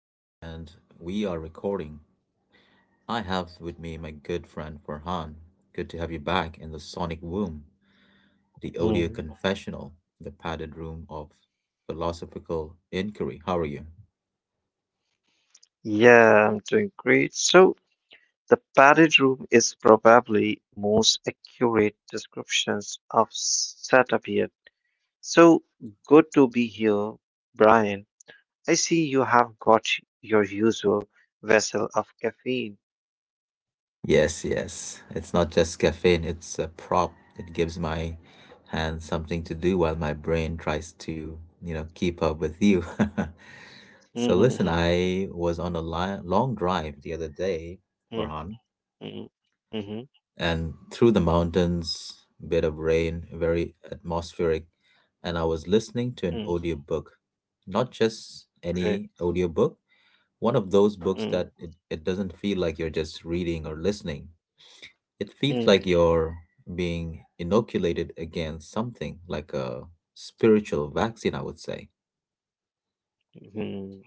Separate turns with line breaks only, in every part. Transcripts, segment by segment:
And we are recording. I have with me my good friend Farhan. Good to have you back in the sonic womb, the audio
Mm.
confessional, the padded room of philosophical inquiry. How are you?
Yeah, I'm doing great. So the padded room is probably most accurate descriptions of setup here. So good to be here, Brian. I see you have got your usual vessel of caffeine.
Yes, yes. It's not just caffeine, it's a prop. It gives my hand something to do while my brain tries to, you know, keep up with you. So listen,
Mm-hmm.
I was on a long drive the other day, Farhan,
Mm-hmm. Mm-hmm.
and through the mountains, bit of rain, very atmospheric. And I was listening to an
Mm.
audiobook, not just
Right.
any audiobook, one of those books
Mm.
that it doesn't feel like you're just reading or listening. It feels like
Mm.
you're being inoculated against something like a spiritual vaccine, I would say.
Mhm.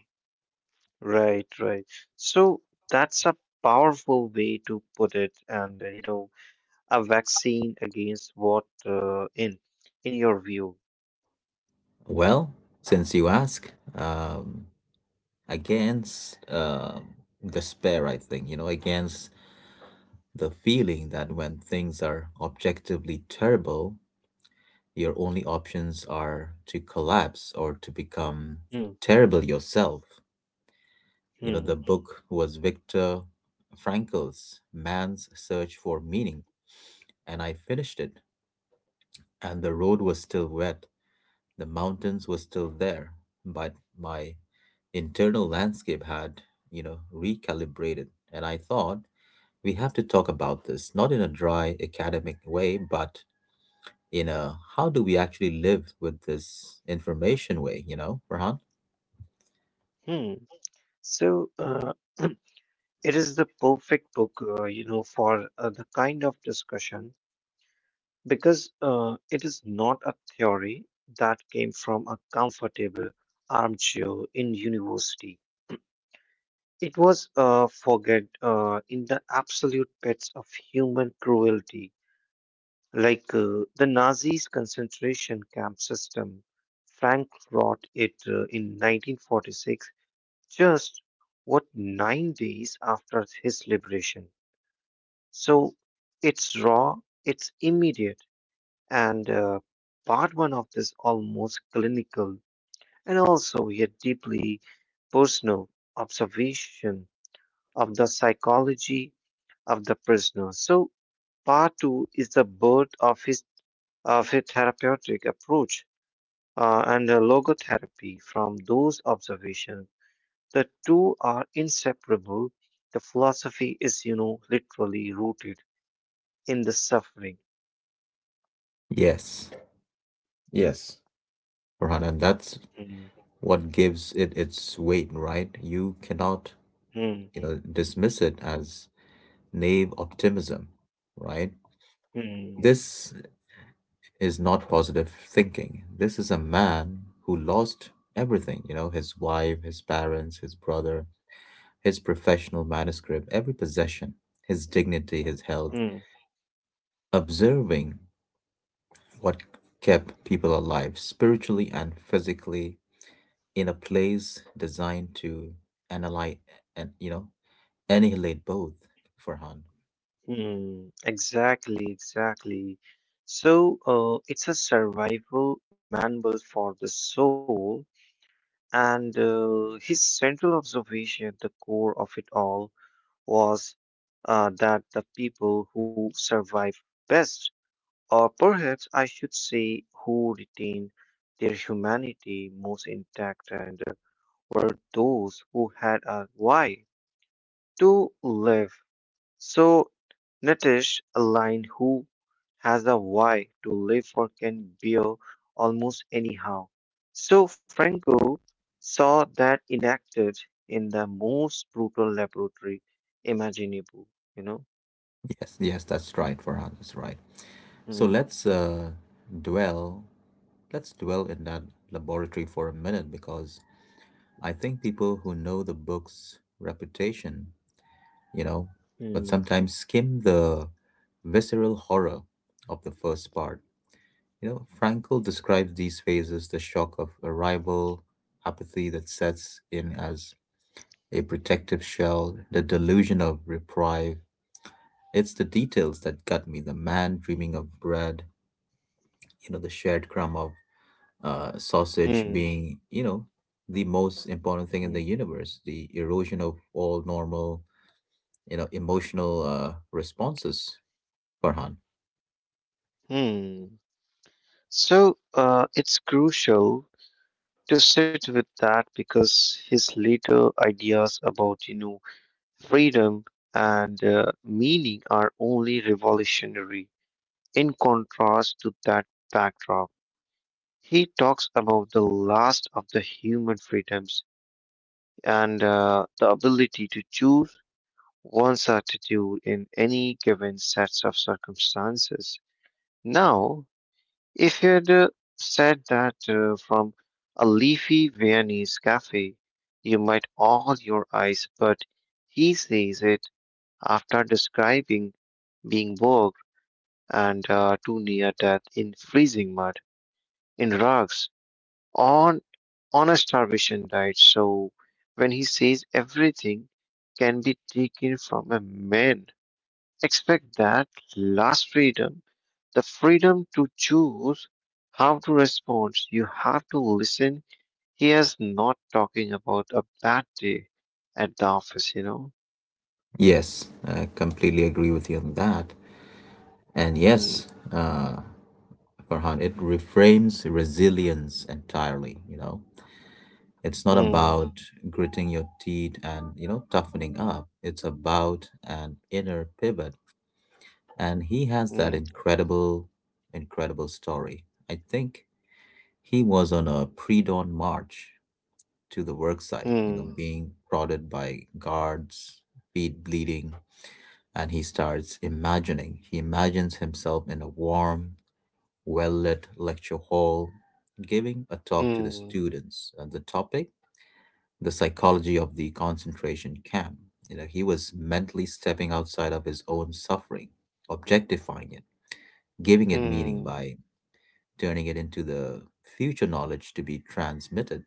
Right, right. So that's a powerful way to put it, and. A vaccine against what, in your view?
Well, since you ask, against despair, I think, you know, against the feeling that when things are objectively terrible, your only options are to collapse or to become
Hmm.
terrible yourself. You know, the
Hmm.
book was Viktor Frankl's Man's Search for Meaning, and I finished it. And the road was still wet, the mountains were still there, but my internal landscape had, you know, recalibrated. And I thought, we have to talk about this, not in a dry academic way, but, you know, how do we actually live with this information way, you know, Farhan?
Hmm. So it is the perfect book for the kind of discussion, because it is not a theory that came from a comfortable armchair in university. It was forget in the absolute pits of human cruelty. Like the Nazis' concentration camp system, Frank wrote it in 1946, just what 9 days after his liberation. So it's raw, it's immediate, and part one of this almost clinical and also yet deeply personal observation of the psychology of the prisoner. So part two is the birth of a therapeutic approach, and logotherapy from those observations. The two are inseparable. The philosophy is literally rooted in the suffering.
Yes. Yes. Farhan, and that's
Hmm.
what gives it its weight, right? You cannot,
Hmm.
you know, dismiss it as naive optimism, right?
Hmm.
This is not positive thinking. This is a man who lost everything, you know, his wife, his parents, his brother, his professional manuscript, every possession, his dignity, his health,
Hmm.
observing what kept people alive spiritually and physically in a place designed to annihilate, and, you know, annihilate both, Farhan.
Hmm. Exactly, exactly. So it's a survival manual for the soul, and his central observation, at the core of it all, was that the people who survive best, or perhaps I should say who retain their humanity most intact, and were those who had a why to live. So, Nitish, a lion who has a why to live for can bear almost anyhow. So, Franco saw that enacted in the most brutal laboratory imaginable, you know.
Yes, yes, that's right, Farhan, that's right. So
Mm.
let's dwell, let's dwell in that laboratory for a minute, because I think people who know the book's reputation, you know, but
Mm.
sometimes skim the visceral horror of the first part. You know, Frankl describes these phases: the shock of arrival, apathy that sets in as a protective shell, the delusion of reprieve. It's the details that got me: the man dreaming of bread, you know, the shared crumb of sausage
Mm.
being, you know, the most important thing in the
Mm.
universe, the erosion of all normal, you know, emotional responses, Farhan.
Mm. So it's crucial to sit with that because his later ideas about freedom and meaning are only revolutionary in contrast to that backdrop. He talks about the last of the human freedoms and the ability to choose one's attitude in any given sets of circumstances. Now, if you had said that from a leafy Viennese cafe, you might all your eyes, but he says it after describing being bogged and too near death in freezing mud, in rugs, on, on a starvation diet. So when he says everything can be taken from a man, expect that last freedom, the freedom to choose how to respond. You have to listen. He is not talking about a bad day at the office.
Yes, I completely agree with you on that. And yes,
Hmm.
Farhan. It reframes resilience entirely, you know. It's not about
Hmm.
gritting your teeth and, you know, toughening up. It's about an inner pivot. And he has that
Hmm.
incredible, incredible story. I think he was on a pre dawn march to the work site, you know,
Hmm.
being prodded by guards, feet bleeding, and he starts imagining. He imagines himself in a warm, well lit lecture hall, giving a talk to the
Hmm.
students. And the topic, the psychology of the concentration camp. You know, he was mentally stepping outside of his own suffering, objectifying it, giving it meaning
Hmm.
by turning it into the future knowledge to be transmitted.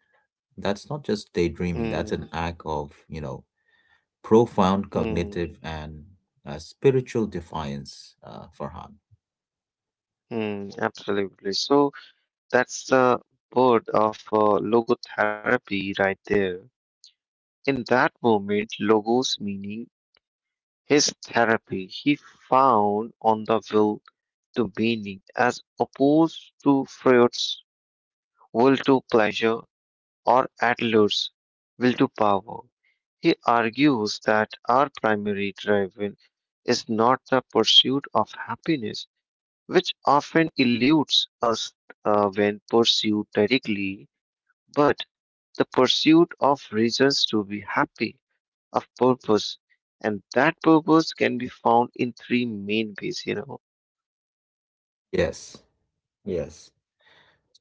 That's not just daydreaming,
Hmm.
that's an act of, you know, profound
Hmm.
cognitive and spiritual defiance, Farhan.
Hmm. Absolutely. So that's the word of logotherapy right there. In that moment, logos meaning his therapy he found on the will to meaning, as opposed to Freud's will to pleasure or Adler's will to power. He argues that our primary drive is not the pursuit of happiness, which often eludes us when pursued directly, but the pursuit of reasons to be happy, of purpose, and that purpose can be found in three main ways.
Yes, yes.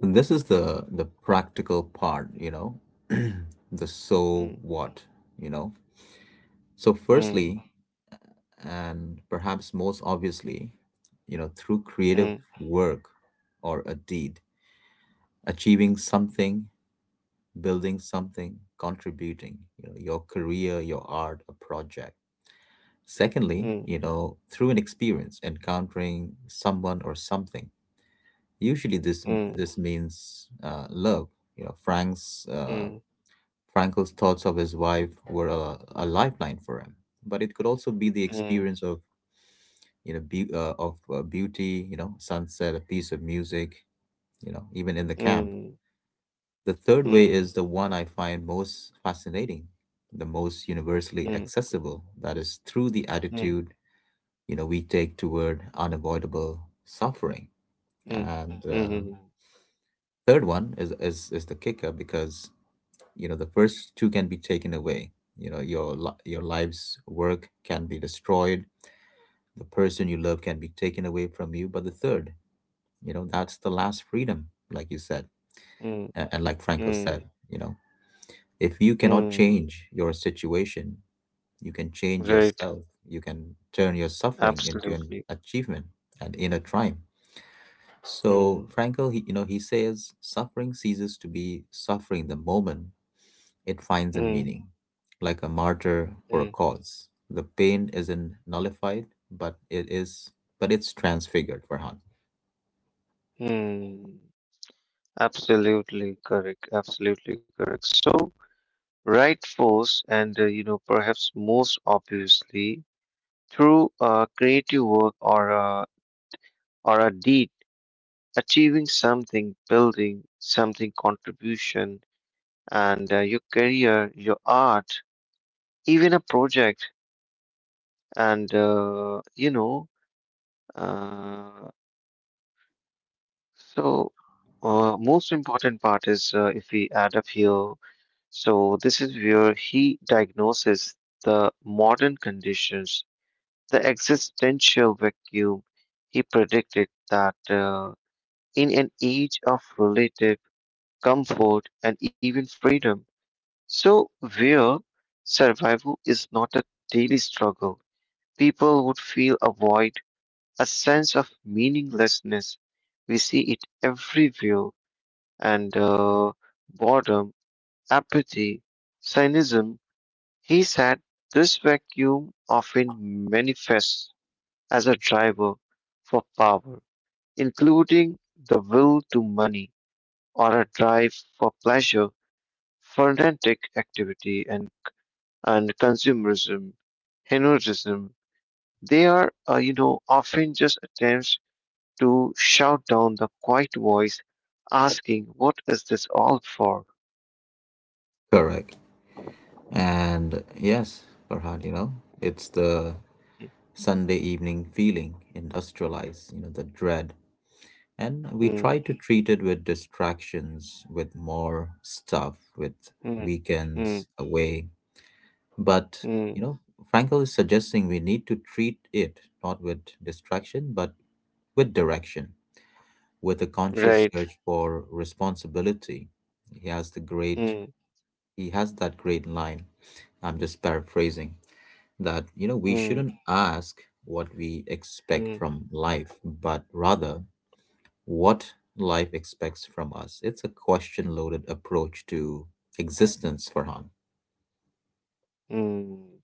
And this is the practical part, you know, the so
Mm.
what, you know. So
Mm.
firstly, and perhaps most obviously, you know, through creative
Mm.
work or a deed, achieving something, building something, contributing, you know, your career, your art, a project. Secondly, you
Mm.
know, through an experience, encountering someone or something. Usually, this
Mm.
means love. You know, Frank's Frankel's thoughts of his wife were a lifeline for him. But it could also be the
Mm.
experience of, you know, be- of beauty. You know, sunset, a piece of music. You know, even in the camp.
Mm.
The third
Mm.
way
Mm.
is the one I find most fascinating, the most universally
Mm.
accessible. That is through the
Mm.
attitude, you know, we take toward unavoidable suffering,
Mm.
and
Mm.
third one is the kicker, because, you know, the first two can be taken away. You know, your your life's work can be destroyed, the person you love can be taken away from you, but the third, you know, that's the last freedom, like you said,
Mm.
and like Frankel said,
Mm.
you know, if you cannot
Mm.
change your situation, you can change
Right.
yourself, you can turn your suffering into an
Absolutely.
achievement and inner triumph.
Mm.
So Frankl, he, you know, he says suffering ceases to be suffering the moment it finds a
Mm.
meaning, like a martyr for a
Mm.
cause. The pain isn't nullified, but it's transfigured, Farhan.
Mm. Absolutely correct. Absolutely correct. So, right force, and perhaps most obviously, through creative work, or a deed, achieving something, building something contribution, and your career, your art, even a project, and. Uh, so, most important part is if we add up here. So this is where he diagnoses the modern conditions, the existential vacuum. He predicted that in an age of relative comfort, and even freedom. So, where survival is not a daily struggle, people would feel a void, a sense of meaninglessness. We see it everywhere, and boredom, apathy, cynicism. He said this vacuum often manifests as a driver for power, including the will to money or a drive for pleasure, frenetic activity and consumerism, hedonism, they are, often just attempts to shout down the quiet voice asking, what is this all for?
Correct. And yes, Farhan, you know, it's the
Mm.
Sunday evening feeling, industrialized, you know, the dread. And we
Mm.
try to treat it with distractions, with more stuff, with
Mm. Mm.
weekends away, but, you
Mm.
know, Frankel is suggesting we need to treat it not with distraction, but with direction, with a conscious
Right.
search for responsibility. He has the great,
Mm.
he has that great line. I'm just paraphrasing that, you know, we
Mm.
shouldn't ask what we expect
Mm.
from life, but rather what life expects from us. It's a question loaded approach to existence, Farhan.
Mm.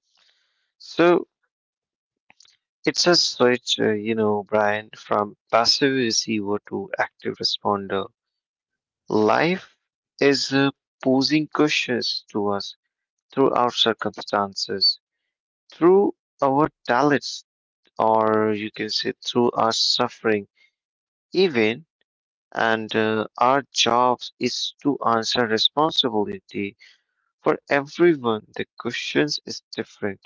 So it's a switch, Brian, from passive receiver to active responder. Life is posing questions to us through our circumstances, through our talents, or you can say through our suffering, even, and our jobs is to answer responsibility for everyone. The questions is different.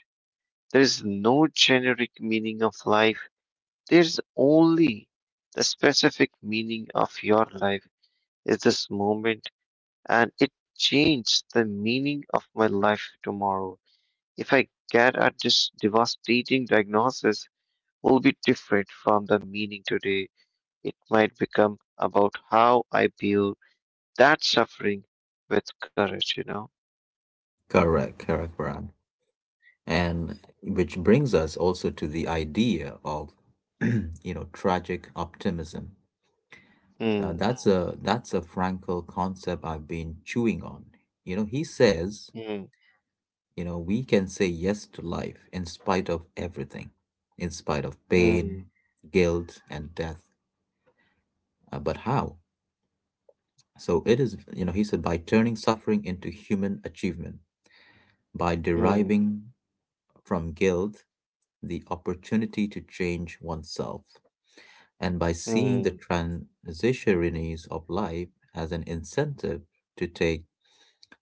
There is no generic meaning of life. There's only the specific meaning of your life is this moment, and it changed the meaning of my life tomorrow. If I get at this devastating diagnosis will be different from the meaning today. It might become about how I build that suffering with courage, you know?
Correct, correct, Farhan. And which brings us also to the idea of, you know, tragic optimism.
Hmm.
That's a Frankl concept I've been chewing on. You know, he says,
Hmm.
you know, we can say yes to life in spite of everything, in spite of
Hmm.
pain, guilt, and death. But how? So it is, you know, he said, by turning suffering into human achievement, by
Hmm.
deriving from guilt the opportunity to change oneself, and by seeing the
Hmm.
transitionariness of life as an incentive to take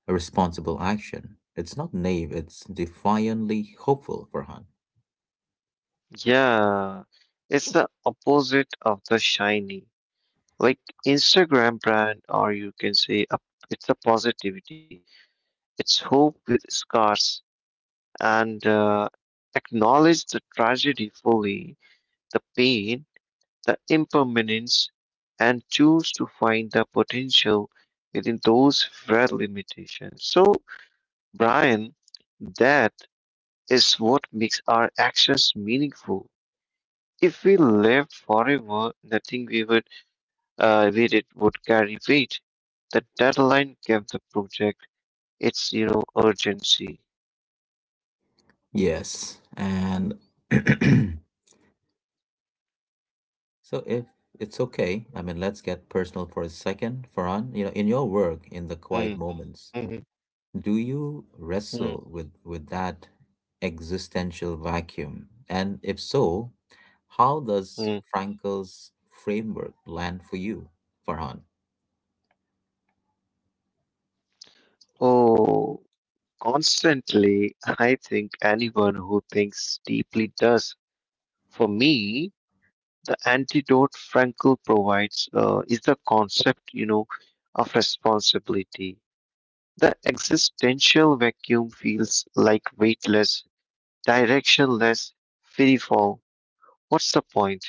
a responsible action. It's not naive, it's defiantly hopeful, Farhan.
Yeah, it's the opposite of the shiny. Like Instagram brand, or you can say it's a positivity. It's hope with scars, and acknowledge the tragedy fully, the pain, the impermanence, and choose to find the potential within those very limitations. So, Brian, that is what makes our actions meaningful. If we lived forever, nothing we would we it would carry weight. The deadline gave the project its urgency.
Yes, and so if it's okay, I mean, let's get personal for a second, Farhan. You know, in your work, in the quiet
Mm.
moments,
Mm.
do you
Mm.
wrestle with that existential vacuum, and if so, how does
Mm.
Frankel's framework land for you, Farhan?
Oh. Constantly, I think anyone who thinks deeply does. For me, the antidote Frankl provides is the concept of responsibility. The existential vacuum feels like weightless, directionless, freefall. What's the point?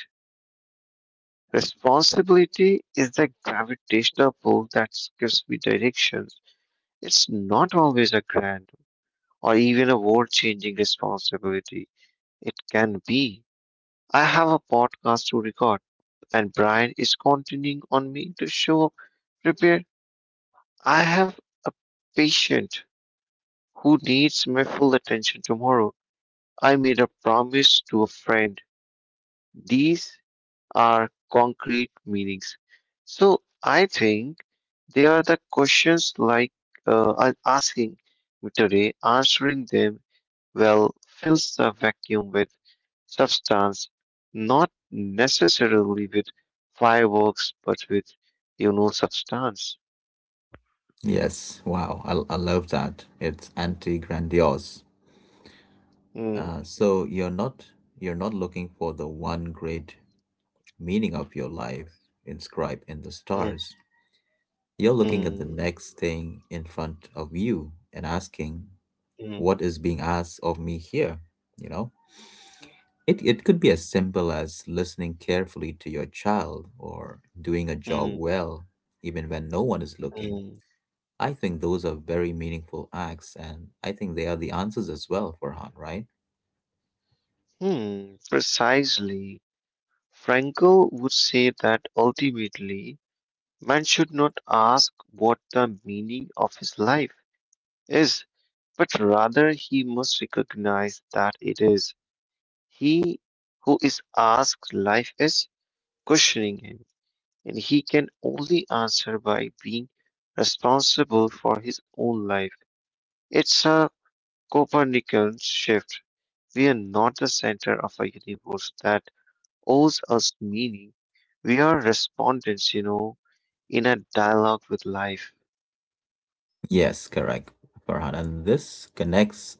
Responsibility is the gravitational pull that gives me directions. It's not always a grand or even a world changing responsibility. It can be. I have a podcast to record, and Brian is counting on me to show up prepared. I have a patient who needs my full attention tomorrow. I made a promise to a friend. These are concrete meanings. So I think they are the questions, like I'm asking me today, answering them well fills the vacuum with substance, not necessarily with fireworks, but with substance.
Yes. Wow. I love that, it's anti-grandiose.
Hmm.
So You're not looking for the one great meaning of your life inscribed in the
Hmm.
stars. You're looking at the
Hmm.
next thing in front of you and asking,
Hmm.
what is being asked of me here? You know? It could be as simple as listening carefully to your child or doing a job
Hmm.
well, even when no one is looking.
Hmm.
I think those are very meaningful acts, and I think they are the answers as well, Farhan, right?
Hmm. Precisely. Frankel would say that ultimately, man should not ask what the meaning of his life is, but rather he must recognize that it is. He who is asked life is questioning him, and he can only answer by being responsible for his own life. It's a Copernican shift. We are not the center of a universe that owes us meaning. We are respondents, in a dialogue with life.
Yes, correct, Farhan. And this connects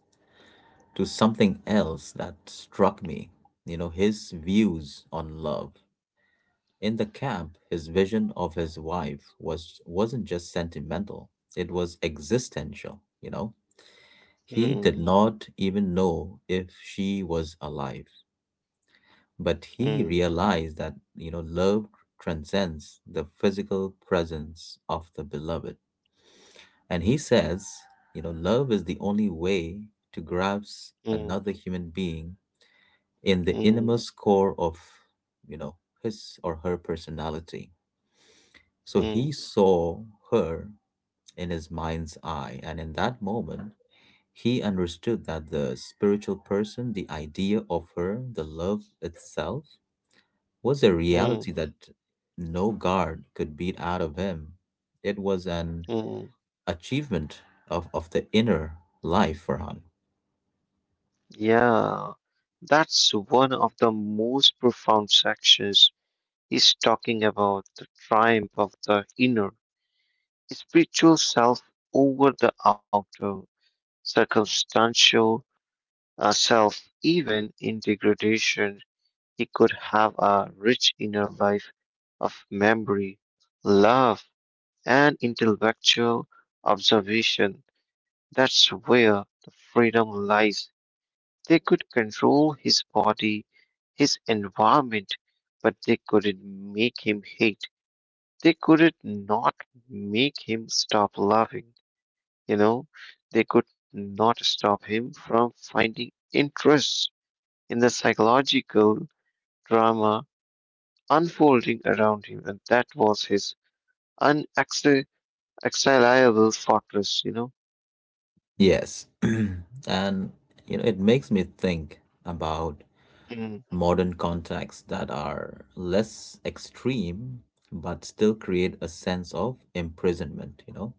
to something else that struck me, you know, his views on love in the camp. His vision of his wife wasn't just sentimental, it was existential, you know. He
Hmm.
did not even know if she was alive, but he
Hmm.
realized that, you know, love transcends the physical presence of the beloved. And he says, you know, love is the only way to grasp
Hmm.
another human being in the
Hmm.
innermost core of, you know, his or her personality. So he
Hmm.
saw her in his mind's eye, and in that moment he understood that the spiritual person, the idea of her, the love itself, was a
Hmm.
reality that no guard could beat out of him. It was an
Hmm.
achievement of the inner life for him.
Yeah. That's one of the most profound sections. He's talking about the triumph of the inner, spiritual self over the outer, circumstantial self, even in degradation. He could have a rich inner life of memory, love, and intellectual observation. That's where the freedom lies. They could control his body, his environment, but they couldn't make him hate. They could not make him stop loving. You know, they could not stop him from finding interest in the psychological drama unfolding around him. And that was his unexiliable fortress.
Yes. And, you know, it makes me think about
Mm.
modern contexts that are less extreme but still create a sense of imprisonment, you know,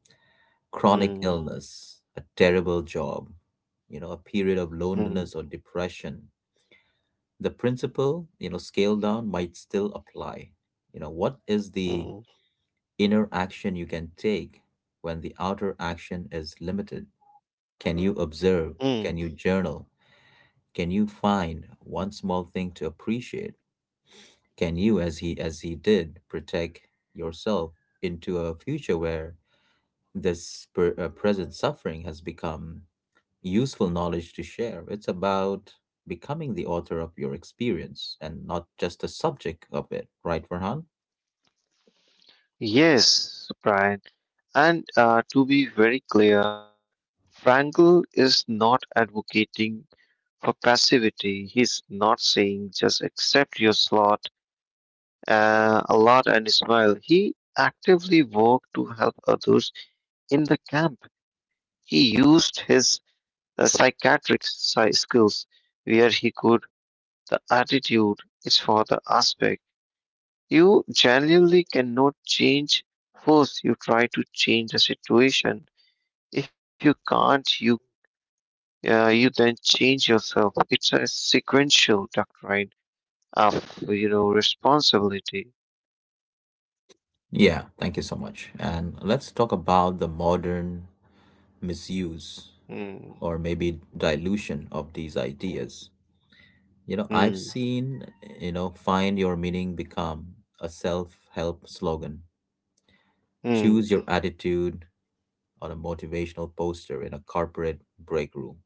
chronic
Mm.
illness, a terrible job, you know, a period of
Mm.
loneliness or depression. The principle, you know, scale down, might still apply. You know, what is the
Mm.
inner action you can take when the outer action is limited? Can you observe?
Mm.
Can you journal? Can you find one small thing to appreciate? Can you, as he did, protect yourself into a future where this present suffering has become useful knowledge to share? It's about becoming the author of your experience and not just the subject of it, right, Farhan?
Yes, Brian. And to be very clear, Frankel is not advocating for passivity. He's not saying just accept your slot, a lot and smile. He actively worked to help others in the camp. He used his psychiatric skills where he could. The attitude is for the aspect. You genuinely cannot change force. You try to change the situation. If you can't, you then change yourself. It's a sequential doctrine of responsibility.
Yeah, thank you so much. And let's talk about the modern misuse
Hmm.
or maybe dilution of these ideas. You know, I've
Hmm.
seen, you know, find your meaning become a self help slogan. Choose your
Hmm.
attitude on a motivational poster in a corporate break room.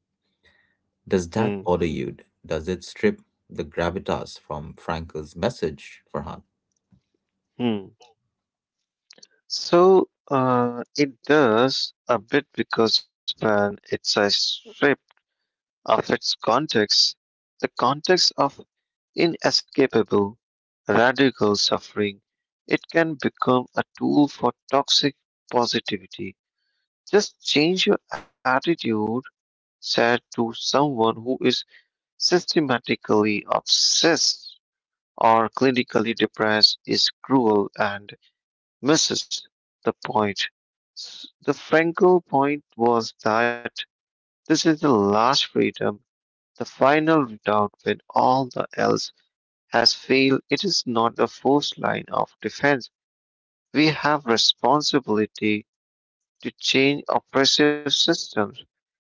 Does
Hmm.
that bother you? Does it strip the gravitas from Frankel's message, Farhan?
Hmm. So it does a bit because when it's a strip of its context, the context of inescapable, radical suffering, it can become a tool for toxic positivity. Just change your attitude, said to someone who is systematically obsessed or clinically depressed, is cruel and misses the point. The Frankel point was that this is the last freedom, the final redoubt when all the else has failed, it is not a forced line of defense. We have responsibility to change oppressive systems,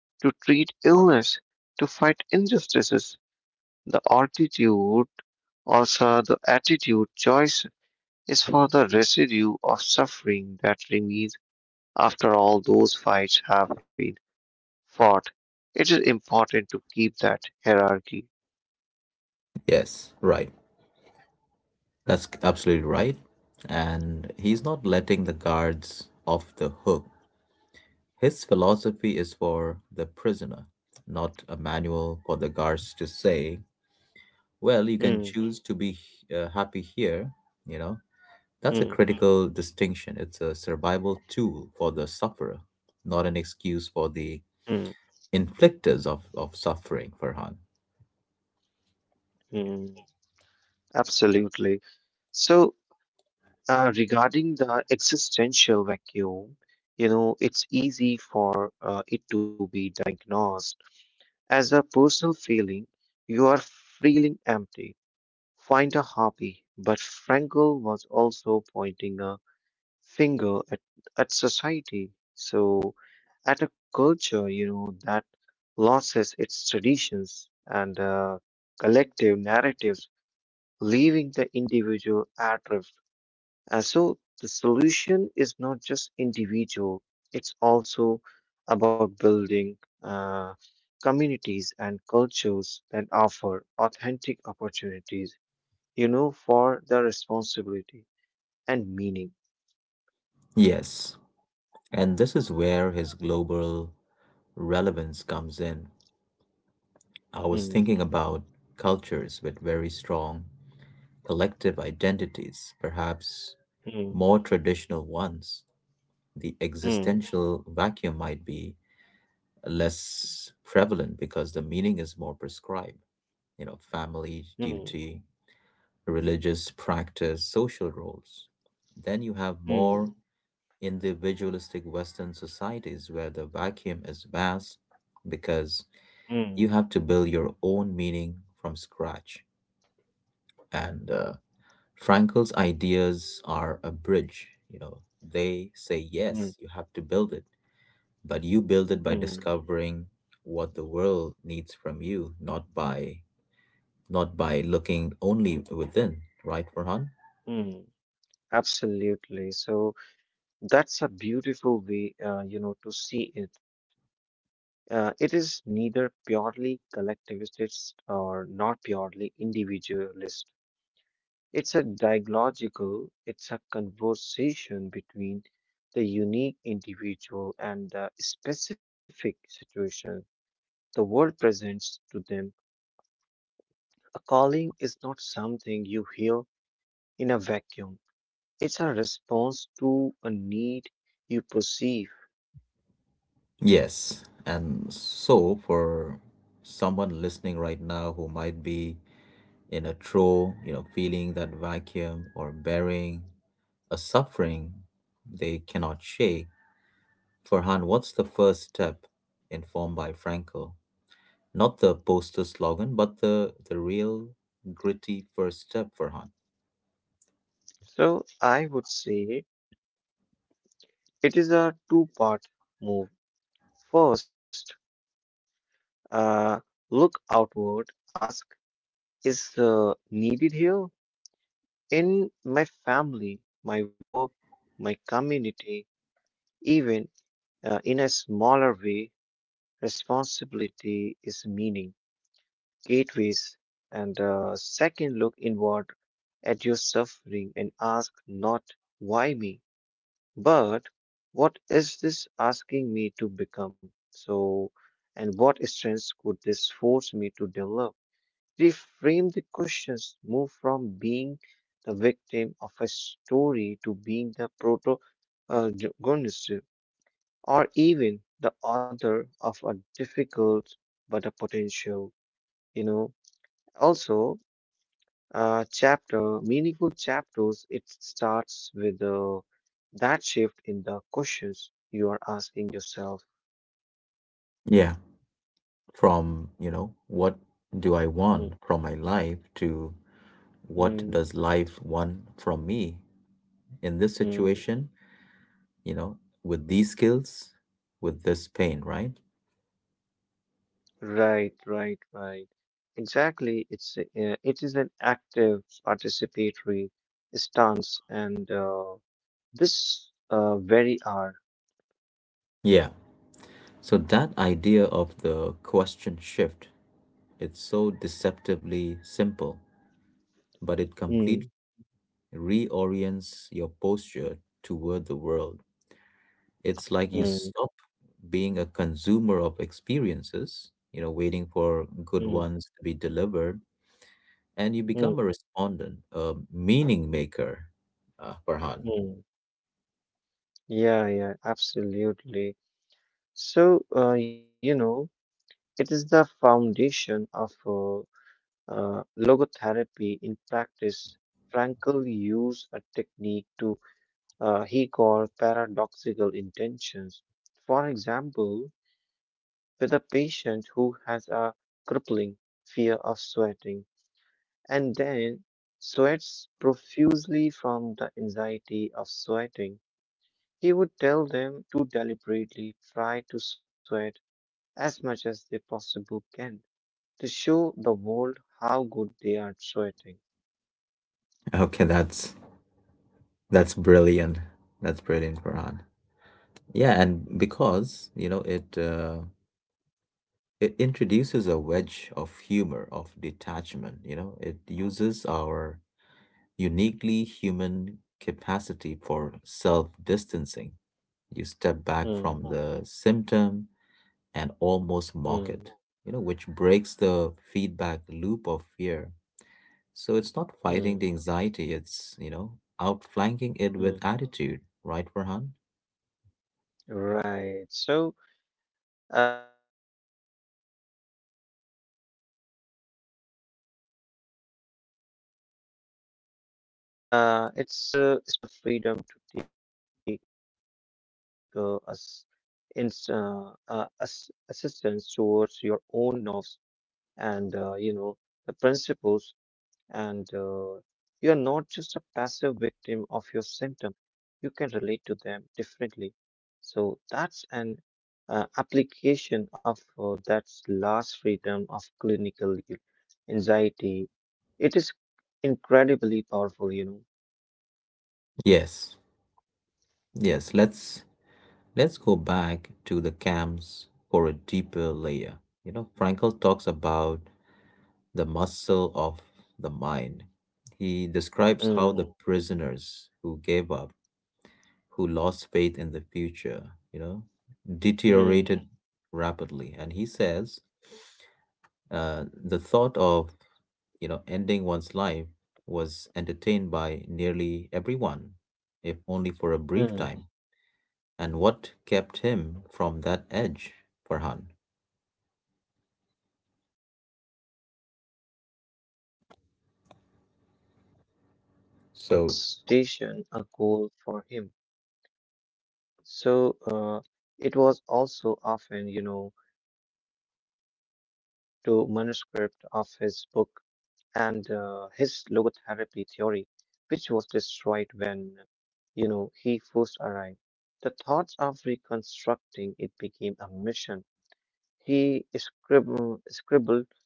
to treat illness, to fight injustices. The attitude, also the attitude choice, is for the residue of suffering that remains after all those fights have been fought. It is important to keep that hierarchy.
Yes, right. That's absolutely right. And he's not letting the guards off the hook. His philosophy is for the prisoner, not a manual for the guards to say, well, you
Hmm.
can choose to be happy here, you know. That's a
Hmm.
critical distinction. It's a survival tool for the sufferer, not an excuse for
Hmm.
the inflictors of suffering, Farhan.
Hmm. Absolutely. So, regarding the existential vacuum, it's easy for it to be diagnosed as a personal feeling. You are feeling empty. Find a hobby. But Frankl was also pointing a finger at society. So, at a culture, that loses its traditions and collective narratives, leaving the individual at, and so the solution is not just individual, it's also about building communities and cultures that offer authentic opportunities, for the responsibility and meaning.
Yes, and this is where his global relevance comes in. I was
Mm.
thinking about cultures with very strong collective identities, perhaps
Mm.
more traditional ones. The
Mm.
existential vacuum might be less prevalent because the meaning is more prescribed. You know, family,
Mm.
duty, religious practice, social roles. Then you have
Mm.
more individualistic Western societies where the vacuum is vast because
Mm.
you have to build your own meaning from scratch. And Frankel's ideas are a bridge. You know, they say yes,
Mm.
you have to build it, but you build it by
Mm.
discovering what the world needs from you, not by not by looking only within. Right, Farhan?
Mm. Absolutely. So that's a beautiful way, to see it. It is neither purely collectivist or not purely individualist. It's a dialogical, it's a conversation between the unique individual and the specific situation the world presents to them. A calling is not something you hear in a vacuum, it's a response to a need you perceive.
Yes. And so for someone listening right now who might be in a trough, you know, feeling that vacuum or bearing a suffering they cannot shake, Farhan, what's the first step informed by Frankel? Not the poster slogan, but the real gritty first step, Farhan.
So I would say it is a two-part move. First, Uh, look outward, ask, is needed here in my family, my work, my community, even in a smaller way, responsibility is meaning, gateways, and second look inward at your suffering and ask not why me, but what is this asking me to become? And what strengths could this force me to develop? Reframe the questions, move from being the victim of a story to being the protagonist or even the author of a difficult but a potential, you know. Also, chapter, meaningful chapters, it starts with that shift in the questions you are asking yourself.
Yeah. From, you know, what do I
Mm,
want from my life to what
mm,
does life want from me in this
mm.
situation, you know, with these skills, with this pain, right?
Right, right, right. Exactly. It is an active participatory stance, and this very are.
Yeah. So that idea of the question shift, it's so deceptively simple, but it
Mm,
completely reorients your posture toward the world. It's like you
mm,
stop being a consumer of experiences, you know, waiting for
mm,
good ones to be delivered, and you
mm,
become a respondent, a meaning maker, Farhan.
mm. Yeah, yeah, absolutely. So, you know, it is the foundation of logotherapy in practice. Frankl used a technique to he called paradoxical intentions. For example, with a patient who has a crippling fear of sweating and then sweats profusely from the anxiety of sweating. He would tell them to deliberately try to sweat as much as they possibly can to show the world how good they are at sweating.
Okay, that's brilliant. That's brilliant, Farhan. Yeah, and because, you know, it introduces a wedge of humor, of detachment, you know, it uses our uniquely human capacity for self-distancing. You step back from
Hmm,
the symptom and almost
hmm,
mock it, you know, which breaks the feedback loop of fear. So it's not
hmm,
fighting the anxiety, it's, you know, outflanking it
hmm.
with attitude, right, Farhan?
Right. So, it's completely, I'm completely agree with that because it springs from the same principle. You have the freedom to take as assistance towards your own nerves and you know the principles, and you are not just a passive victim of your symptom. You can relate to them differently. So that's an application of that last freedom of clinical anxiety. It is incredibly powerful, you know.
Yes. Yes, let's go back to the camps for a deeper layer. You know, Frankl talks about the muscle of the mind. He describes
Mm,
how the prisoners who gave up, who lost faith in the future, you know,
mm,
deteriorated rapidly. And he says the thought of, you know, ending one's life was entertained by nearly everyone, if only for a brief
mm,
time. And what kept him from that edge, Farhan?
mm. So it was future orientation, a
So,
goal for him. So it was also often, you know, to manuscript of his book and his logotherapy theory which was destroyed when, you know, he first arrived. The thoughts of reconstructing it became a mission. He scribbled, scribbled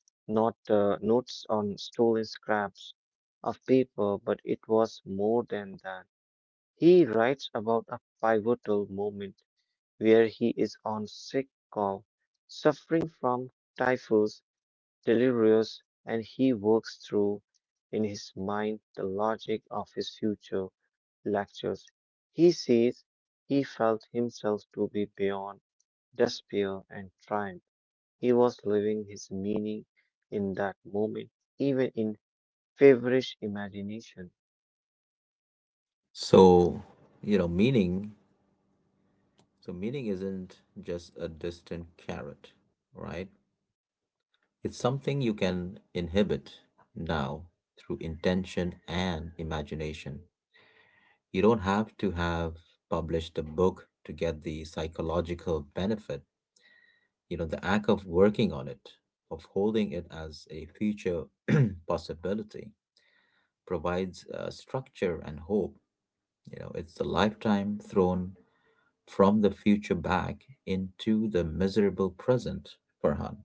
not notes on stolen scraps of paper, but it was more than that. He writes about a pivotal moment where he is on sick call, suffering from typhus delirious, and he works through in his mind the logic of his future lectures. He says he felt himself to be beyond despair and triumph. He was living his meaning in that moment, even in feverish imagination.
so, you know, meaning isn't just a distant carrot, right? It's something you can inhibit now through intention and imagination. You don't have to have published a book to get the psychological benefit. You know, the act of working on it, of holding it as a future possibility, provides structure and hope. You know, it's the lifetime thrown from the future back into the miserable present, Farhan.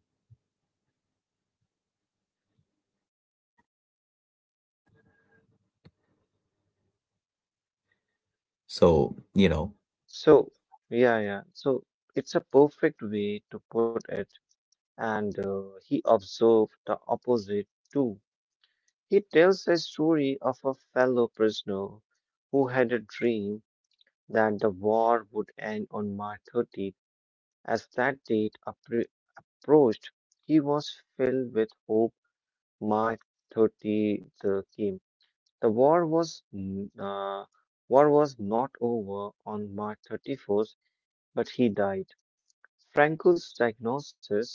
So, you know,
So, yeah, yeah. So it's a perfect way to put it, and he observed the opposite too. He tells a story of a fellow prisoner who had a dream that the war would end on March 30th. As that date approached, he was filled with hope. March 30th came. The war was war was not over on March 31st, but he died. Frankel's diagnosis: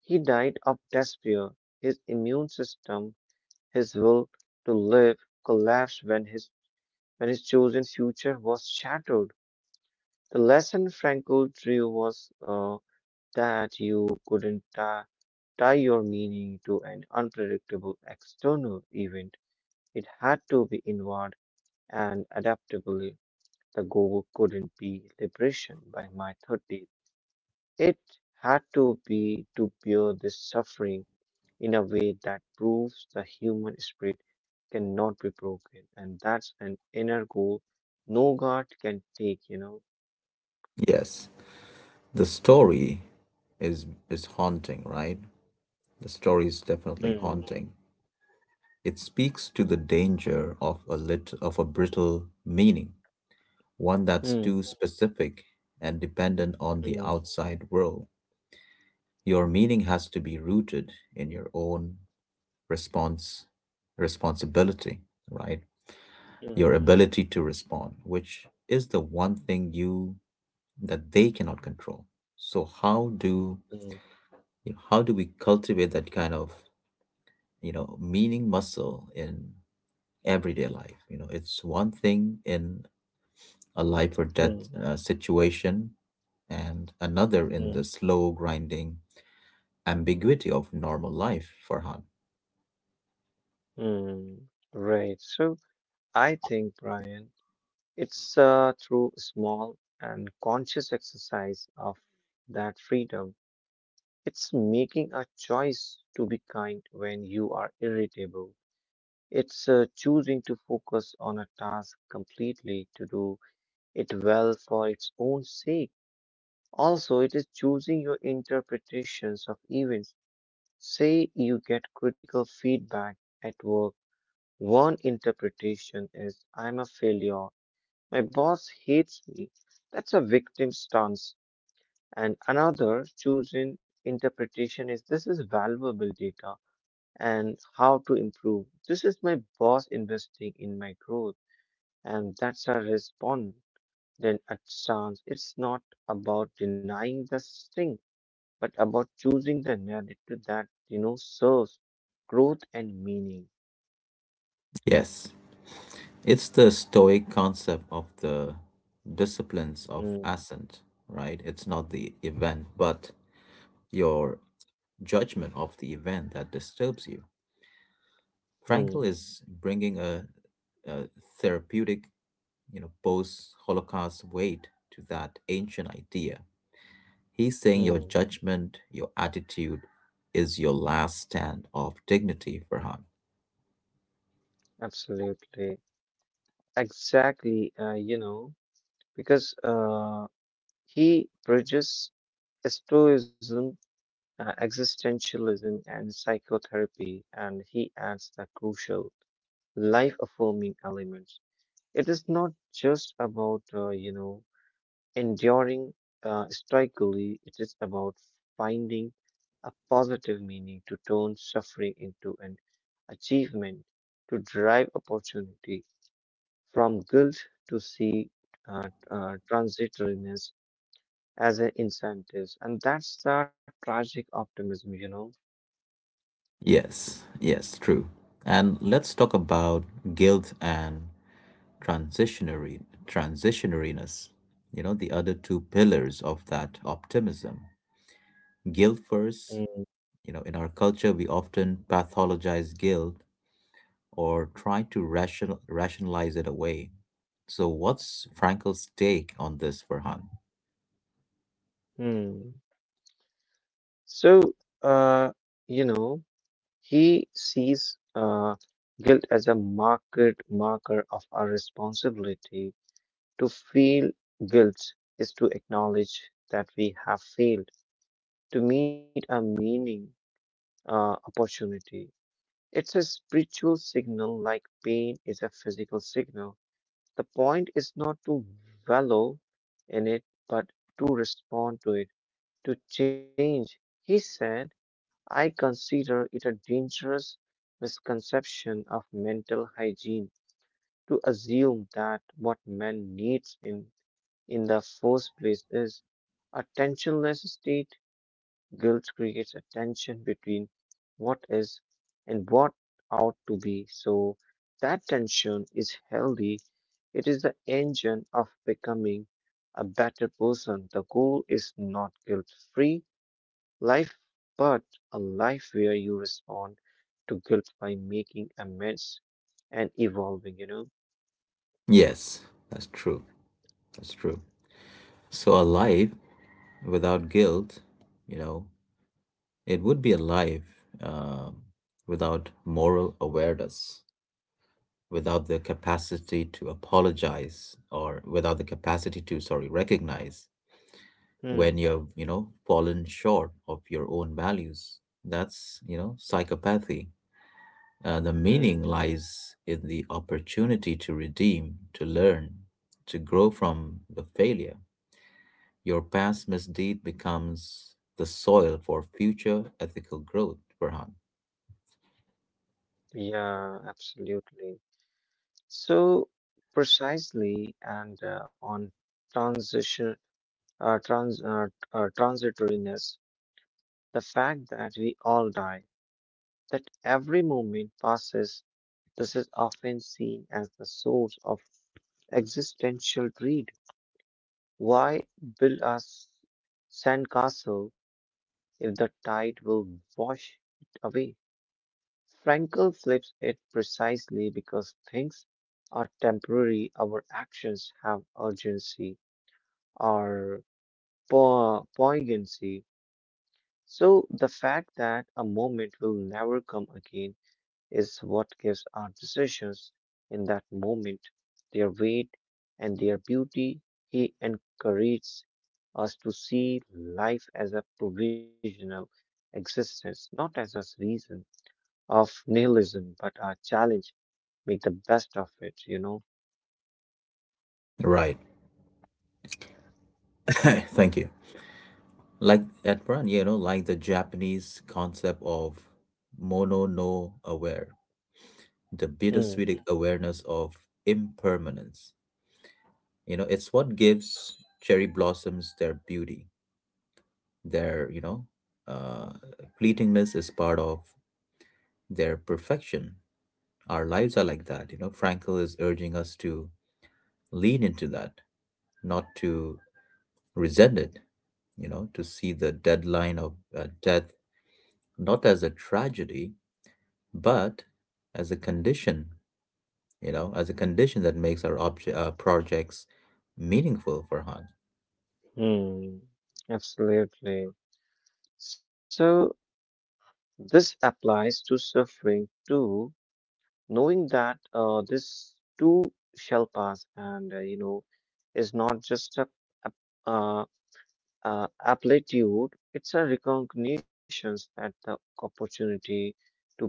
he died of despair. His immune system, his will to live collapsed when his chosen future was shattered. The lesson Frankl drew was that you couldn't tie your meaning to an unpredictable external event. It had to be inward and adaptable. The goal couldn't be liberation by my 30th. It had to be to bear this suffering in a way that proves the human spirit cannot be broken. And that's an inner goal no God can take, you know.
yes, the story is haunting, right? The story is definitely
Mm,
haunting. It speaks to the danger of a lit of a brittle meaning, one that's
mm,
too specific and dependent on the
mm,
outside world. Your meaning has to be rooted in your own response responsibility, right? Your
mm,
ability to respond, which is the one thing you that they cannot control. So
mm,
how do we cultivate that kind of, you know, meaning muscle in everyday life? You know, it's one thing in a life or death
mm,
situation and another in the
mm,
slow grinding ambiguity of normal life, Farhan.
mm. Right. So I think, Brian, it's through small and conscious exercise of that freedom. It's making a choice to be kind when you are irritable. It's choosing to focus on a task completely, to do it well for its own sake. Also, it is choosing your interpretations of events. Say you get critical feedback at work. One interpretation is I'm a failure. My boss hates me. That's a victim stance. And another chosen interpretation is this is valuable data and how to improve. This is my boss investing in my growth. And that's a response. Then a stance. It's not about denying the thing but about choosing the narrative that, you know, serves growth and meaning.
Yes, it's the stoic concept of the disciplines of
Mm,
ascent, right? It's not the event but your judgment of the event that disturbs you. Frankel
mm,
is bringing a therapeutic, you know, Post Holocaust weight to that ancient idea. He's saying your
mm,
judgment, your attitude is your last stand of dignity, Farhan.
absolutely. Exactly. You know, because he bridges stoicism, existentialism, and psychotherapy, and he adds the crucial life affirming elements. It is not just about, you know, enduring strikingly, it is about finding a positive meaning to turn suffering into an achievement, to drive opportunity from guilt to see transitoriness as an incentive. And that's the tragic optimism, you know.
Yes, yes, true. And let's talk about guilt and transitionary transitionariness. You know, the other two pillars of that optimism. Guilt first,
Mm.
you know, in our culture we often pathologize guilt or try to rationalize it away. So, what's Frankl's take on this, Farhan?
Hmm. So, uh, you know, he sees guilt as a market marker of our responsibility. To feel guilt is to acknowledge that we have failed to meet a meaning opportunity. It's a spiritual signal like pain is a physical signal. The point is not to wallow in it, but to respond to it, to change. He said, I consider it a dangerous misconception of mental hygiene to assume that what man needs in the first place is a tensionless state. Guilt creates a tension between what is and what ought to be. So that tension is healthy. It is the engine of becoming a better person. The goal is not guilt-free life, but a life where you respond to guilt by making amends and evolving, you know?
Yes, that's true. That's true. So, a life without guilt, you know, it would be a life without moral awareness, without the capacity to apologize, or without the capacity to, sorry, recognize when
Hmm,
you've, you know, fallen short of your own values. That's, you know, psychopathy. The
hmm.
meaning lies in the opportunity to redeem, to learn, to grow from the failure. Your past misdeed becomes the soil for future ethical growth, Farhan.
Yeah, absolutely. So precisely, and on transition, transitoriness, the fact that we all die, that every moment passes, this is often seen as the source of existential dread. Why build a sandcastle if the tide will wash it away? Frankel flips it precisely because things are temporary, our actions have urgency, or poignancy. So the fact that a moment will never come again is what gives our decisions in that moment their weight and their beauty. He encourages us to see life as a provisional existence, not as a reason of nihilism, but a challenge. Make the best of it, you know.
Right. Thank you. Like at Farhan, you know, like the Japanese concept of mono no aware, the
Hmm.
bittersweet awareness of impermanence. You know, it's what gives cherry blossoms their beauty. Their, uh, fleetingness is part of their perfection. Our lives are like that. You know, Frankl is urging us to lean into that, not to resent it. You know, to see the deadline of death not as a tragedy, but as a condition. You know, as a condition that makes our projects meaningful for Han.
Hmm. Absolutely. So this applies to suffering too, knowing that this too shall pass and you know is not just a, uh, aptitude, it's a recognition at the opportunity to bear.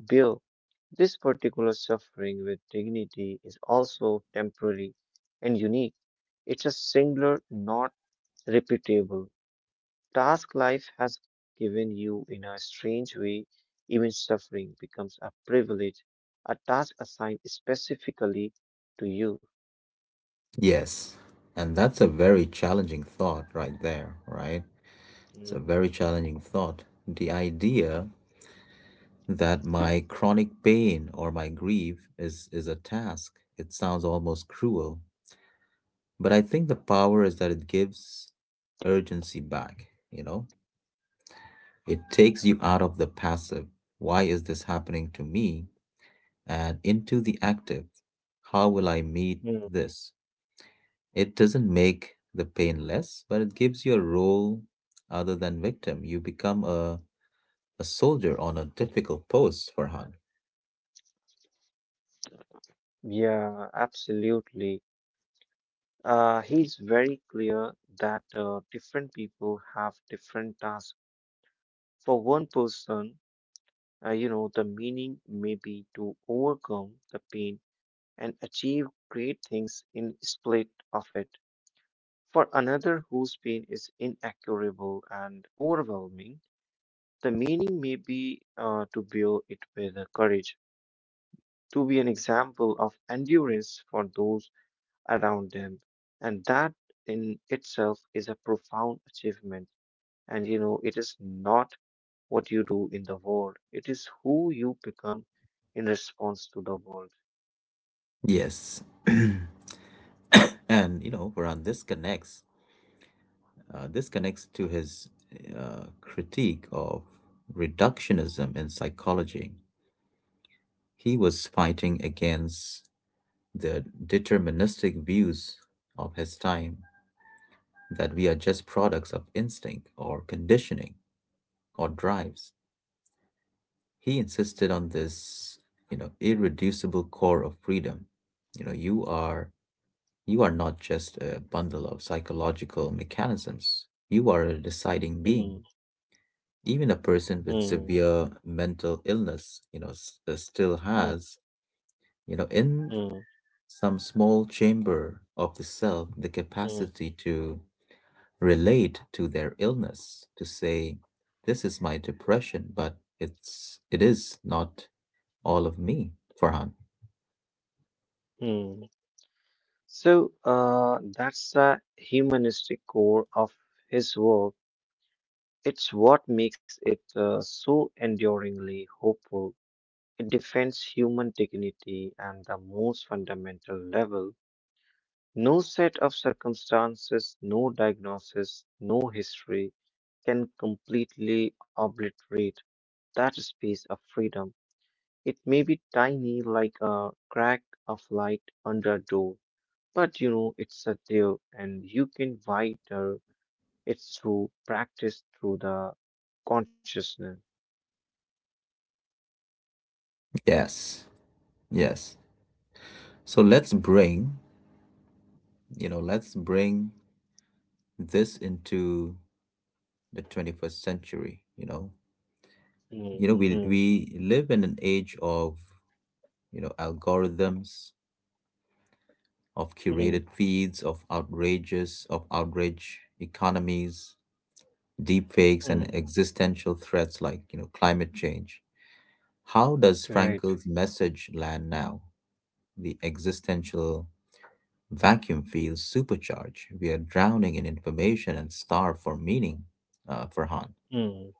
This particular suffering with dignity is also temporary and unique. It's a singular, not repeatable task life has given you in a strange way, even suffering becomes a privilege, a task assigned specifically to you.
Yes, and that's a very challenging thought right there, right? It's a very challenging thought. The idea that my chronic pain or my grief is a task, it sounds almost cruel. But I think the power is that it gives urgency back, you know? It takes you out of the passive, why is this happening to me, and into the active, how will I meet
Mhm.
this? It doesn't make the pain less, but it gives you a role other than victim. You become a soldier on a difficult post, Farhan.
Yeah, absolutely. He's very clear that different people have different tasks. For one person, you know, the meaning may be to overcome the pain and achieve great things in split of it. For another whose pain is incurable and overwhelming, the meaning may be to bear it with courage, to be an example of endurance for those around them. And that in itself is a profound achievement. And you know, it is not what you do in the world, it is who you become in response to the world.
Yes. And, you know, Farhan, this connects to his critique of reductionism in psychology. He was fighting against the deterministic views of his time that we are just products of instinct or conditioning or drives. He insisted on this, you know, irreducible core of freedom. You know, you are not just a bundle of psychological mechanisms. You are a deciding being.
Mm,
Even a person with
mm,
severe mental illness, you know, still
mm,
has, you know, in
mm,
some small chamber of the self, the
mm,
capacity to relate to their illness, to say, this is my depression, but it is not all of me, Farhan.
mm. So that's the humanistic core of his work. It's what makes it so enduringly hopeful. It defends human dignity and the most fundamental level. No set of circumstances, no diagnosis, no history can completely obliterate that space of freedom. It may be tiny like a crack of light under a door, but you know, it's a there and you can wider it's through practice through the consciousness.
Yes, yes. So let's bring this into the 21st century, you know.
Mm,
You know, we
mm,
we live in an age of, you know, algorithms, of curated
mm,
feeds of outrage economies, deepfakes, and
mm,
existential threats like, you know, climate change. How does
right.
Frankel's message land now? The existential vacuum feels supercharged. We are drowning in information and starved for meaning, Farhan.
Mm.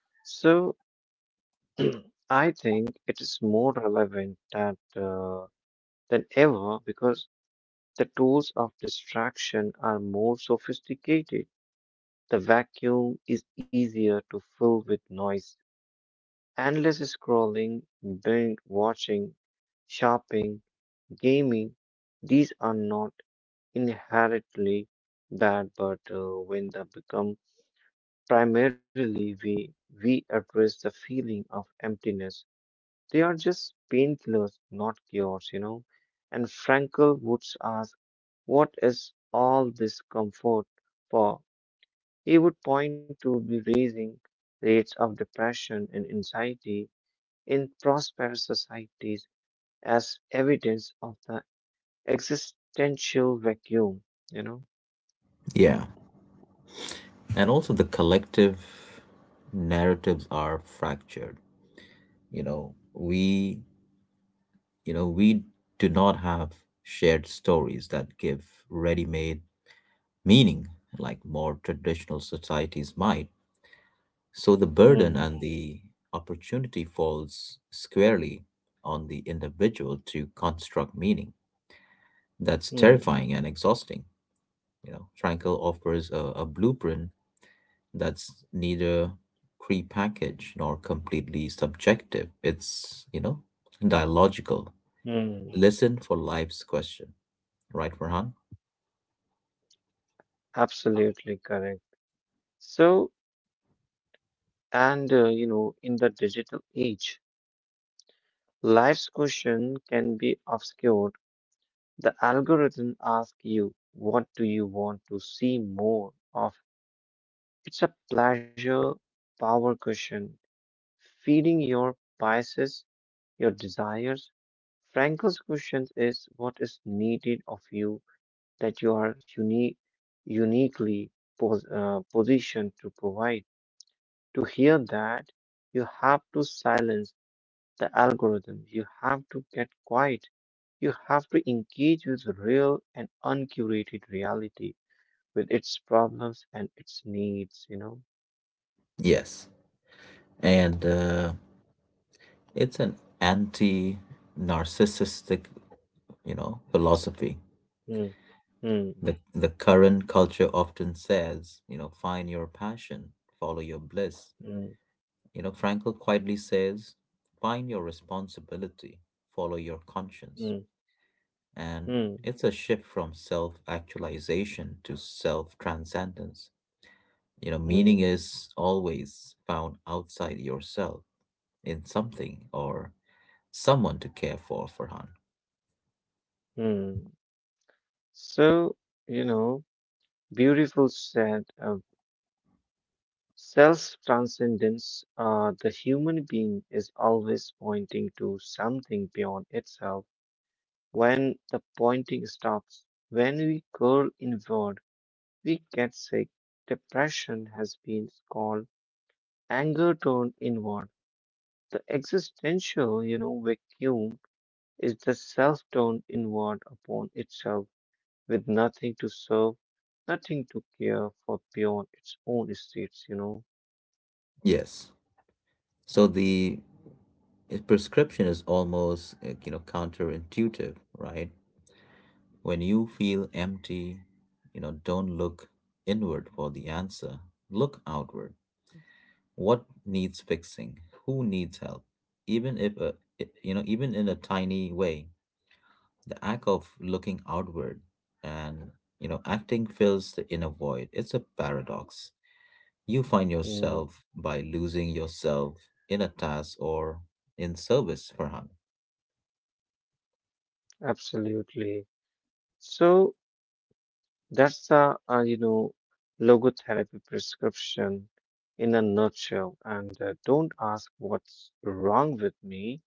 So I think it is more relevant that than ever because the tools of distraction are more sophisticated. The vacuum is easier to fill with noise, endless scrolling, binge watching, shopping gaming, these are not inherently bad, but when they become primarily we address the feeling of emptiness, they are just painkillers, not cures, you know. And Frankel would ask, "What is all this comfort for?" He would point to the raising rates of depression and anxiety in prosperous societies as evidence of the existential vacuum, you know?
Yeah. And also the collective narratives are fractured. You know, we You know, we do not have shared stories that give ready made meaning like more traditional societies might. So the
Hmm.
burden and the opportunity falls squarely on the individual to construct meaning. That's
Hmm.
terrifying and exhausting. You know, Frankel offers a blueprint that's neither prepackaged nor completely subjective. It's, you know, dialogical.
Hmm.
Listen for life's question, right, Farhan?
Absolutely correct. So, and you know, in the digital age, life's question can be obscured. The algorithm asks you, what do you want to see more of? It's a pleasure power question, feeding your biases, your desires. Frankel's question is, what is needed of you that you are uniquely positioned to provide. To hear that, you have to silence the algorithm, you have to get quiet, you have to engage with real and uncurated reality, with its problems and its needs, you know?
Yes, and it's an anti-narcissistic, you know, philosophy.
Hmm, hmm,
The current culture often says, you know, find your passion, follow your bliss.
hmm,
You know, Frankl quietly says, find your responsibility, follow your conscience.
hmm,
And
hmm,
it's a shift from self-actualization to self-transcendence. You know, meaning
hmm,
is always found outside yourself in something or someone to care for, Farhan.
hmm. So, you know, beautiful said, self transcendence, the human being is always pointing to something beyond itself. When the pointing stops, when we curl inward, we get sick. Depression has been called anger turned inward. The existential vacuum is the self turned inward upon itself with nothing to serve, nothing to care for beyond its own states.
Yes. So the prescription is almost, you know, counterintuitive, right? When you feel empty, you know, don't look inward for the answer. Look outward. What needs fixing? Who needs help? Even if a, I- you know, even in a tiny way, the act of looking outward and, you know, acting fills the inner void. It's a paradox. You find
Mm,
yourself by losing yourself in a task or in service, Farhan.
absolutely. So that's logotherapy prescription in a nutshell. And don't ask what's wrong with me.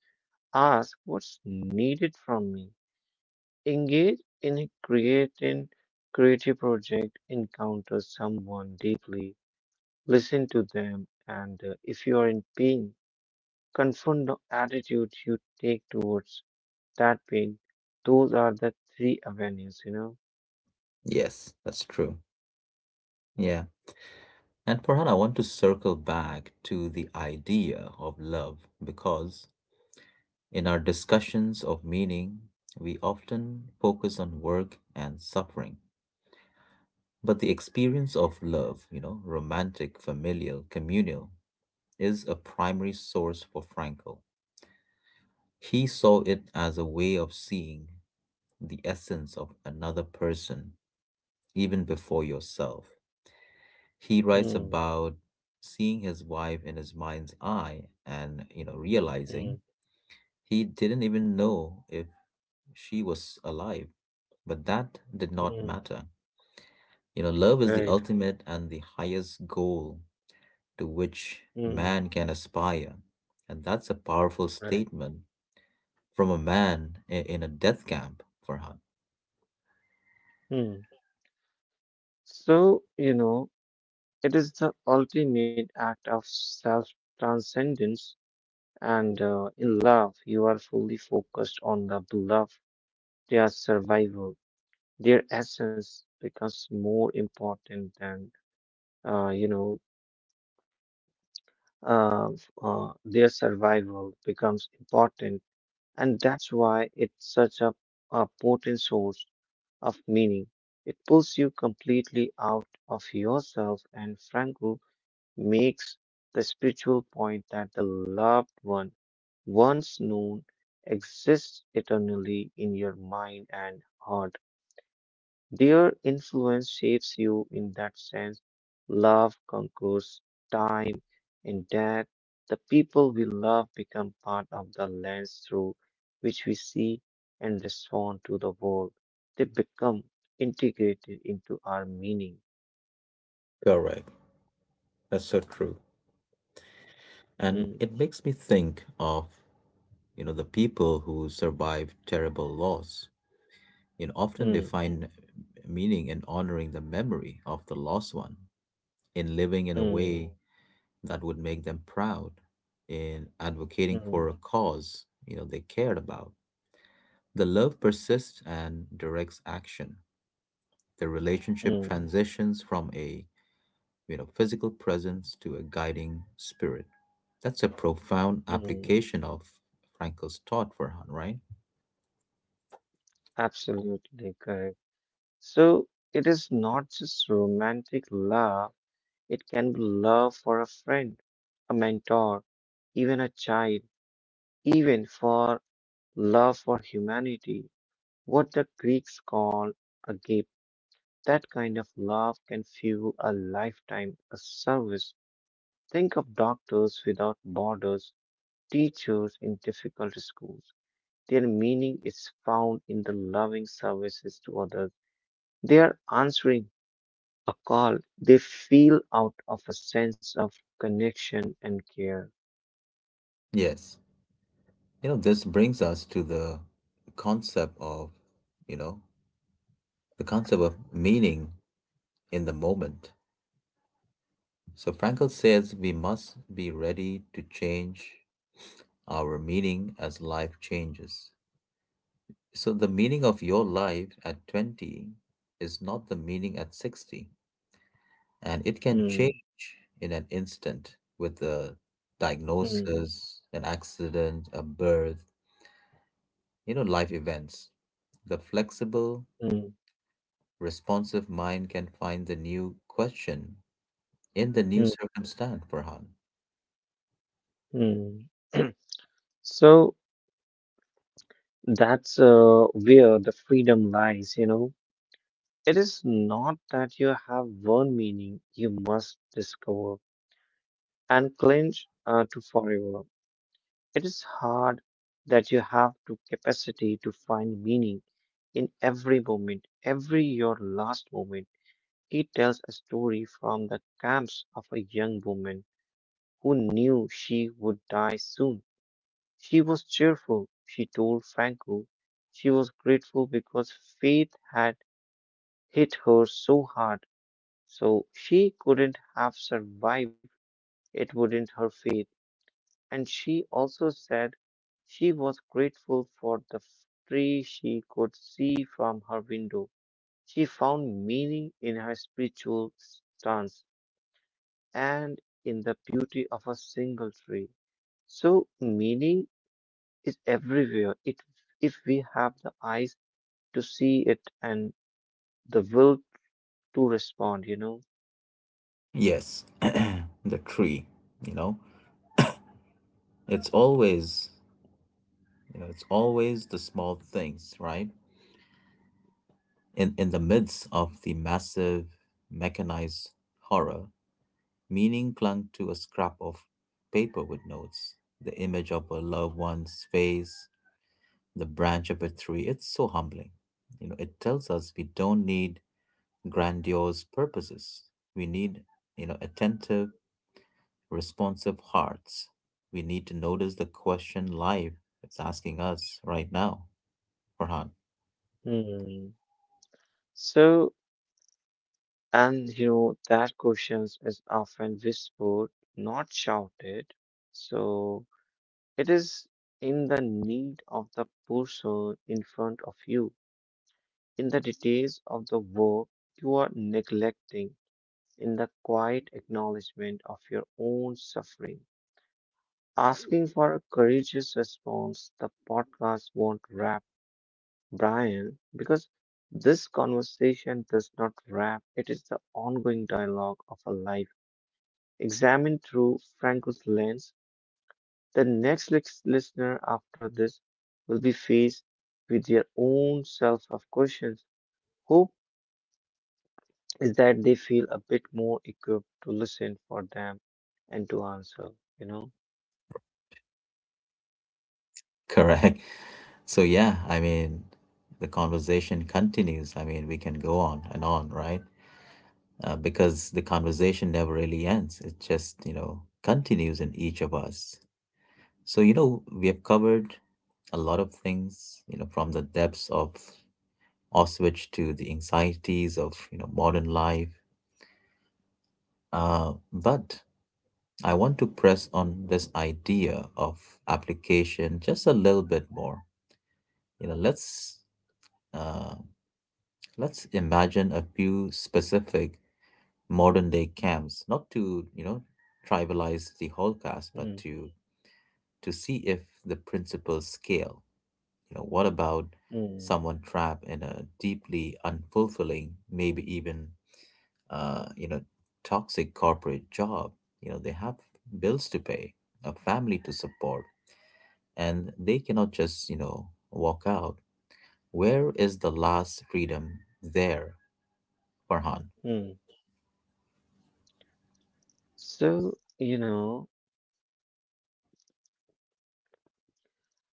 Ask what's needed from me. Engage in a creating creative project, encounter someone deeply, listen to them, and if you are in pain, confront the attitude you take towards that pain. Those are the three avenues.
Yes, that's true. Yeah. And Farhan, I want to circle back to the idea of love because in our discussions of meaning, we often focus on work and suffering. But the experience of love, you know, romantic, familial, communal, is a primary source for Frankl. He saw it as a way of seeing the essence of another person even before yourself. He writes
Hmm.
about seeing his wife in his mind's eye and, you know,
Hmm.
realizing he didn't even know if she was alive, but that did not
Hmm.
matter. You know, love is the
Right.
ultimate and the highest goal to which
Mm.
man can aspire. And that's a powerful
Right.
statement from a man in a death camp, Farhan.
Hmm. So, it is the ultimate act of self transcendence, and in love, you are fully focused on the beloved, their survival, their essence becomes more important than, you know, f- their survival becomes important, and that's why it's such a potent source of meaning. It pulls you completely out of yourself, and Franco makes the spiritual point that the loved one once known exists eternally in your mind and heart. Their influence shapes you in that sense. Love conquers time in that, the people we love become part of the lens through which we see and respond to the world. They become integrated into our meaning.
Correct. That's so true. And
Mm,
it makes me think of, you know, the people who survive terrible loss. You know, often they
mm,
find meaning in honoring the memory of the lost one, in living in a
mm,
way that would make them proud, in advocating
mm,
for a cause, you know, they cared about. The love persists and directs action. The relationship
mm,
transitions from a, you know, physical presence to a guiding spirit. That's a profound
mm.
application of Frankl's thought, Farhan, right?
Absolutely correct. So it is not just romantic love, it can be love for a friend, a mentor, even a child, even for love for humanity. What the Greeks call a gift, that kind of love can fuel a lifetime of service. Think of Doctors Without Borders, teachers in difficult schools. Their meaning is found in the loving services to others. They are answering a call they feel out of a sense of connection and care.
Yes. You know, this brings us to concept of, you know, the concept of meaning in the moment. So Frankl says we must be ready to change our meaning as life changes. So the meaning of your life at 20 is not the meaning at 60. And it can
Hmm,
change in an instant with a
hmm,
diagnosis, an accident, a birth, you know, life events. The flexible,
hmm,
responsive mind can find the new question in the new
hmm,
circumstance, Farhan.
hmm. So that's where the freedom lies. It is not that you have one meaning you must discover and cling to forever. It is hard that you have to capacity to find meaning in every moment, every your last moment. He tells a story from the camps of a young woman who knew she would die soon. She was cheerful, she told Franco. She was grateful because faith had hit her so hard. So she couldn't have survived it wouldn't her faith. And she also said she was grateful for the tree she could see from her window. She found meaning in her spiritual stance and in the beauty of a single tree. So meaning is everywhere. If we have the eyes to see it and the will to respond.
Yes, the tree, you know, it's always, it's always the small things, right? In the midst of the massive mechanized horror, meaning clung to a scrap of paper with notes, the image of a loved one's face, the branch of a tree. It's so humbling. You know, it tells us we don't need grandiose purposes. We need, you know, attentive, responsive hearts. We need to notice the question life is asking us right now, Farhan.
Hmm. So, that questions is often whispered, not shouted. So it is in the need of the person in front of you, in the details of the work you are neglecting, in the quiet acknowledgement of your own suffering. Asking for a courageous response, the podcast won't wrap Brian because this conversation does not wrap, it is the ongoing dialogue of a life examined through Franco's lens, the next listener after this will be faced with their own self of questions. Hope is that they feel a bit more equipped to listen for them and to answer, you know?
Correct. So yeah, I mean, the conversation continues. I mean, we can go on and on, right? Because the conversation never really ends. It just, you know, continues in each of us. So, you know, we have covered a lot of things, you know, from the depths of Auschwitz to the anxieties of, you know, modern life. But I want to press on this idea of application just a little bit more. You know, uh, let's imagine a few specific modern day camps, not to, you know, tribalize the whole cast,
Mm,
but to see if the principles scale. You know, what about
mm,
someone trapped in a deeply unfulfilling, maybe even you know, toxic corporate job? You know, they have bills to pay, a family to support, and they cannot just, you know, walk out. Where is the last freedom there, Farhan?
mm. So, you know,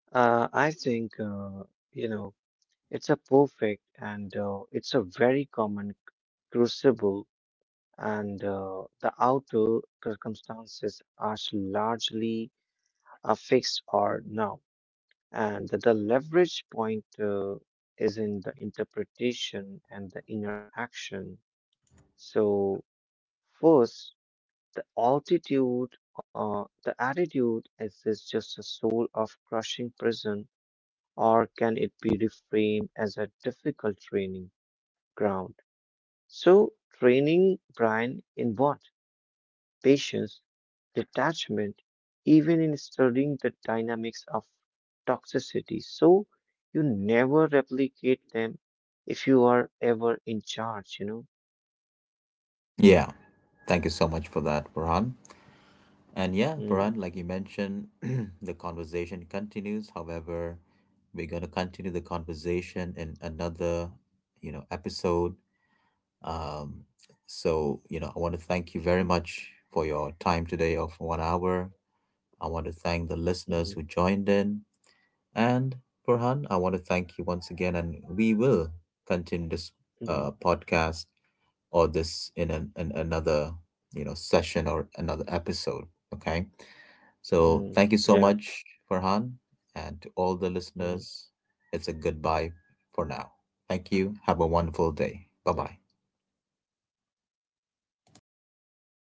I think, you know, it's a perfect and it's a very common crucible and the outer circumstances are largely fixed or no, and the leverage point is in the interpretation and the inner action. So, first, the altitude, the attitude is this just a soul of crushing prison, or can it be reframed as a difficult training ground? So, training Brian in what? Patience detachment, even in studying the dynamics of toxicity, so you never replicate them if you are ever in charge, you know?
Yeah. Thank you so much for that, Farhan. And yeah,
Mm,
Paran, like you mentioned, the conversation continues. However, we're going to continue the conversation in another, you know, episode. Um, so, you know, I want to thank you very much for your time today of 1 hour. I want to thank the listeners who
mm,
joined in. And Farhan, I want to thank you once again. And we will continue this
mm,
podcast or this in another, you know, session or another episode. Okay. So
mm,
thank you so
yeah.
much, Farhan, and to all the
Mm,
listeners. It's a goodbye for now. Thank you. Have a wonderful day. Bye bye.
right.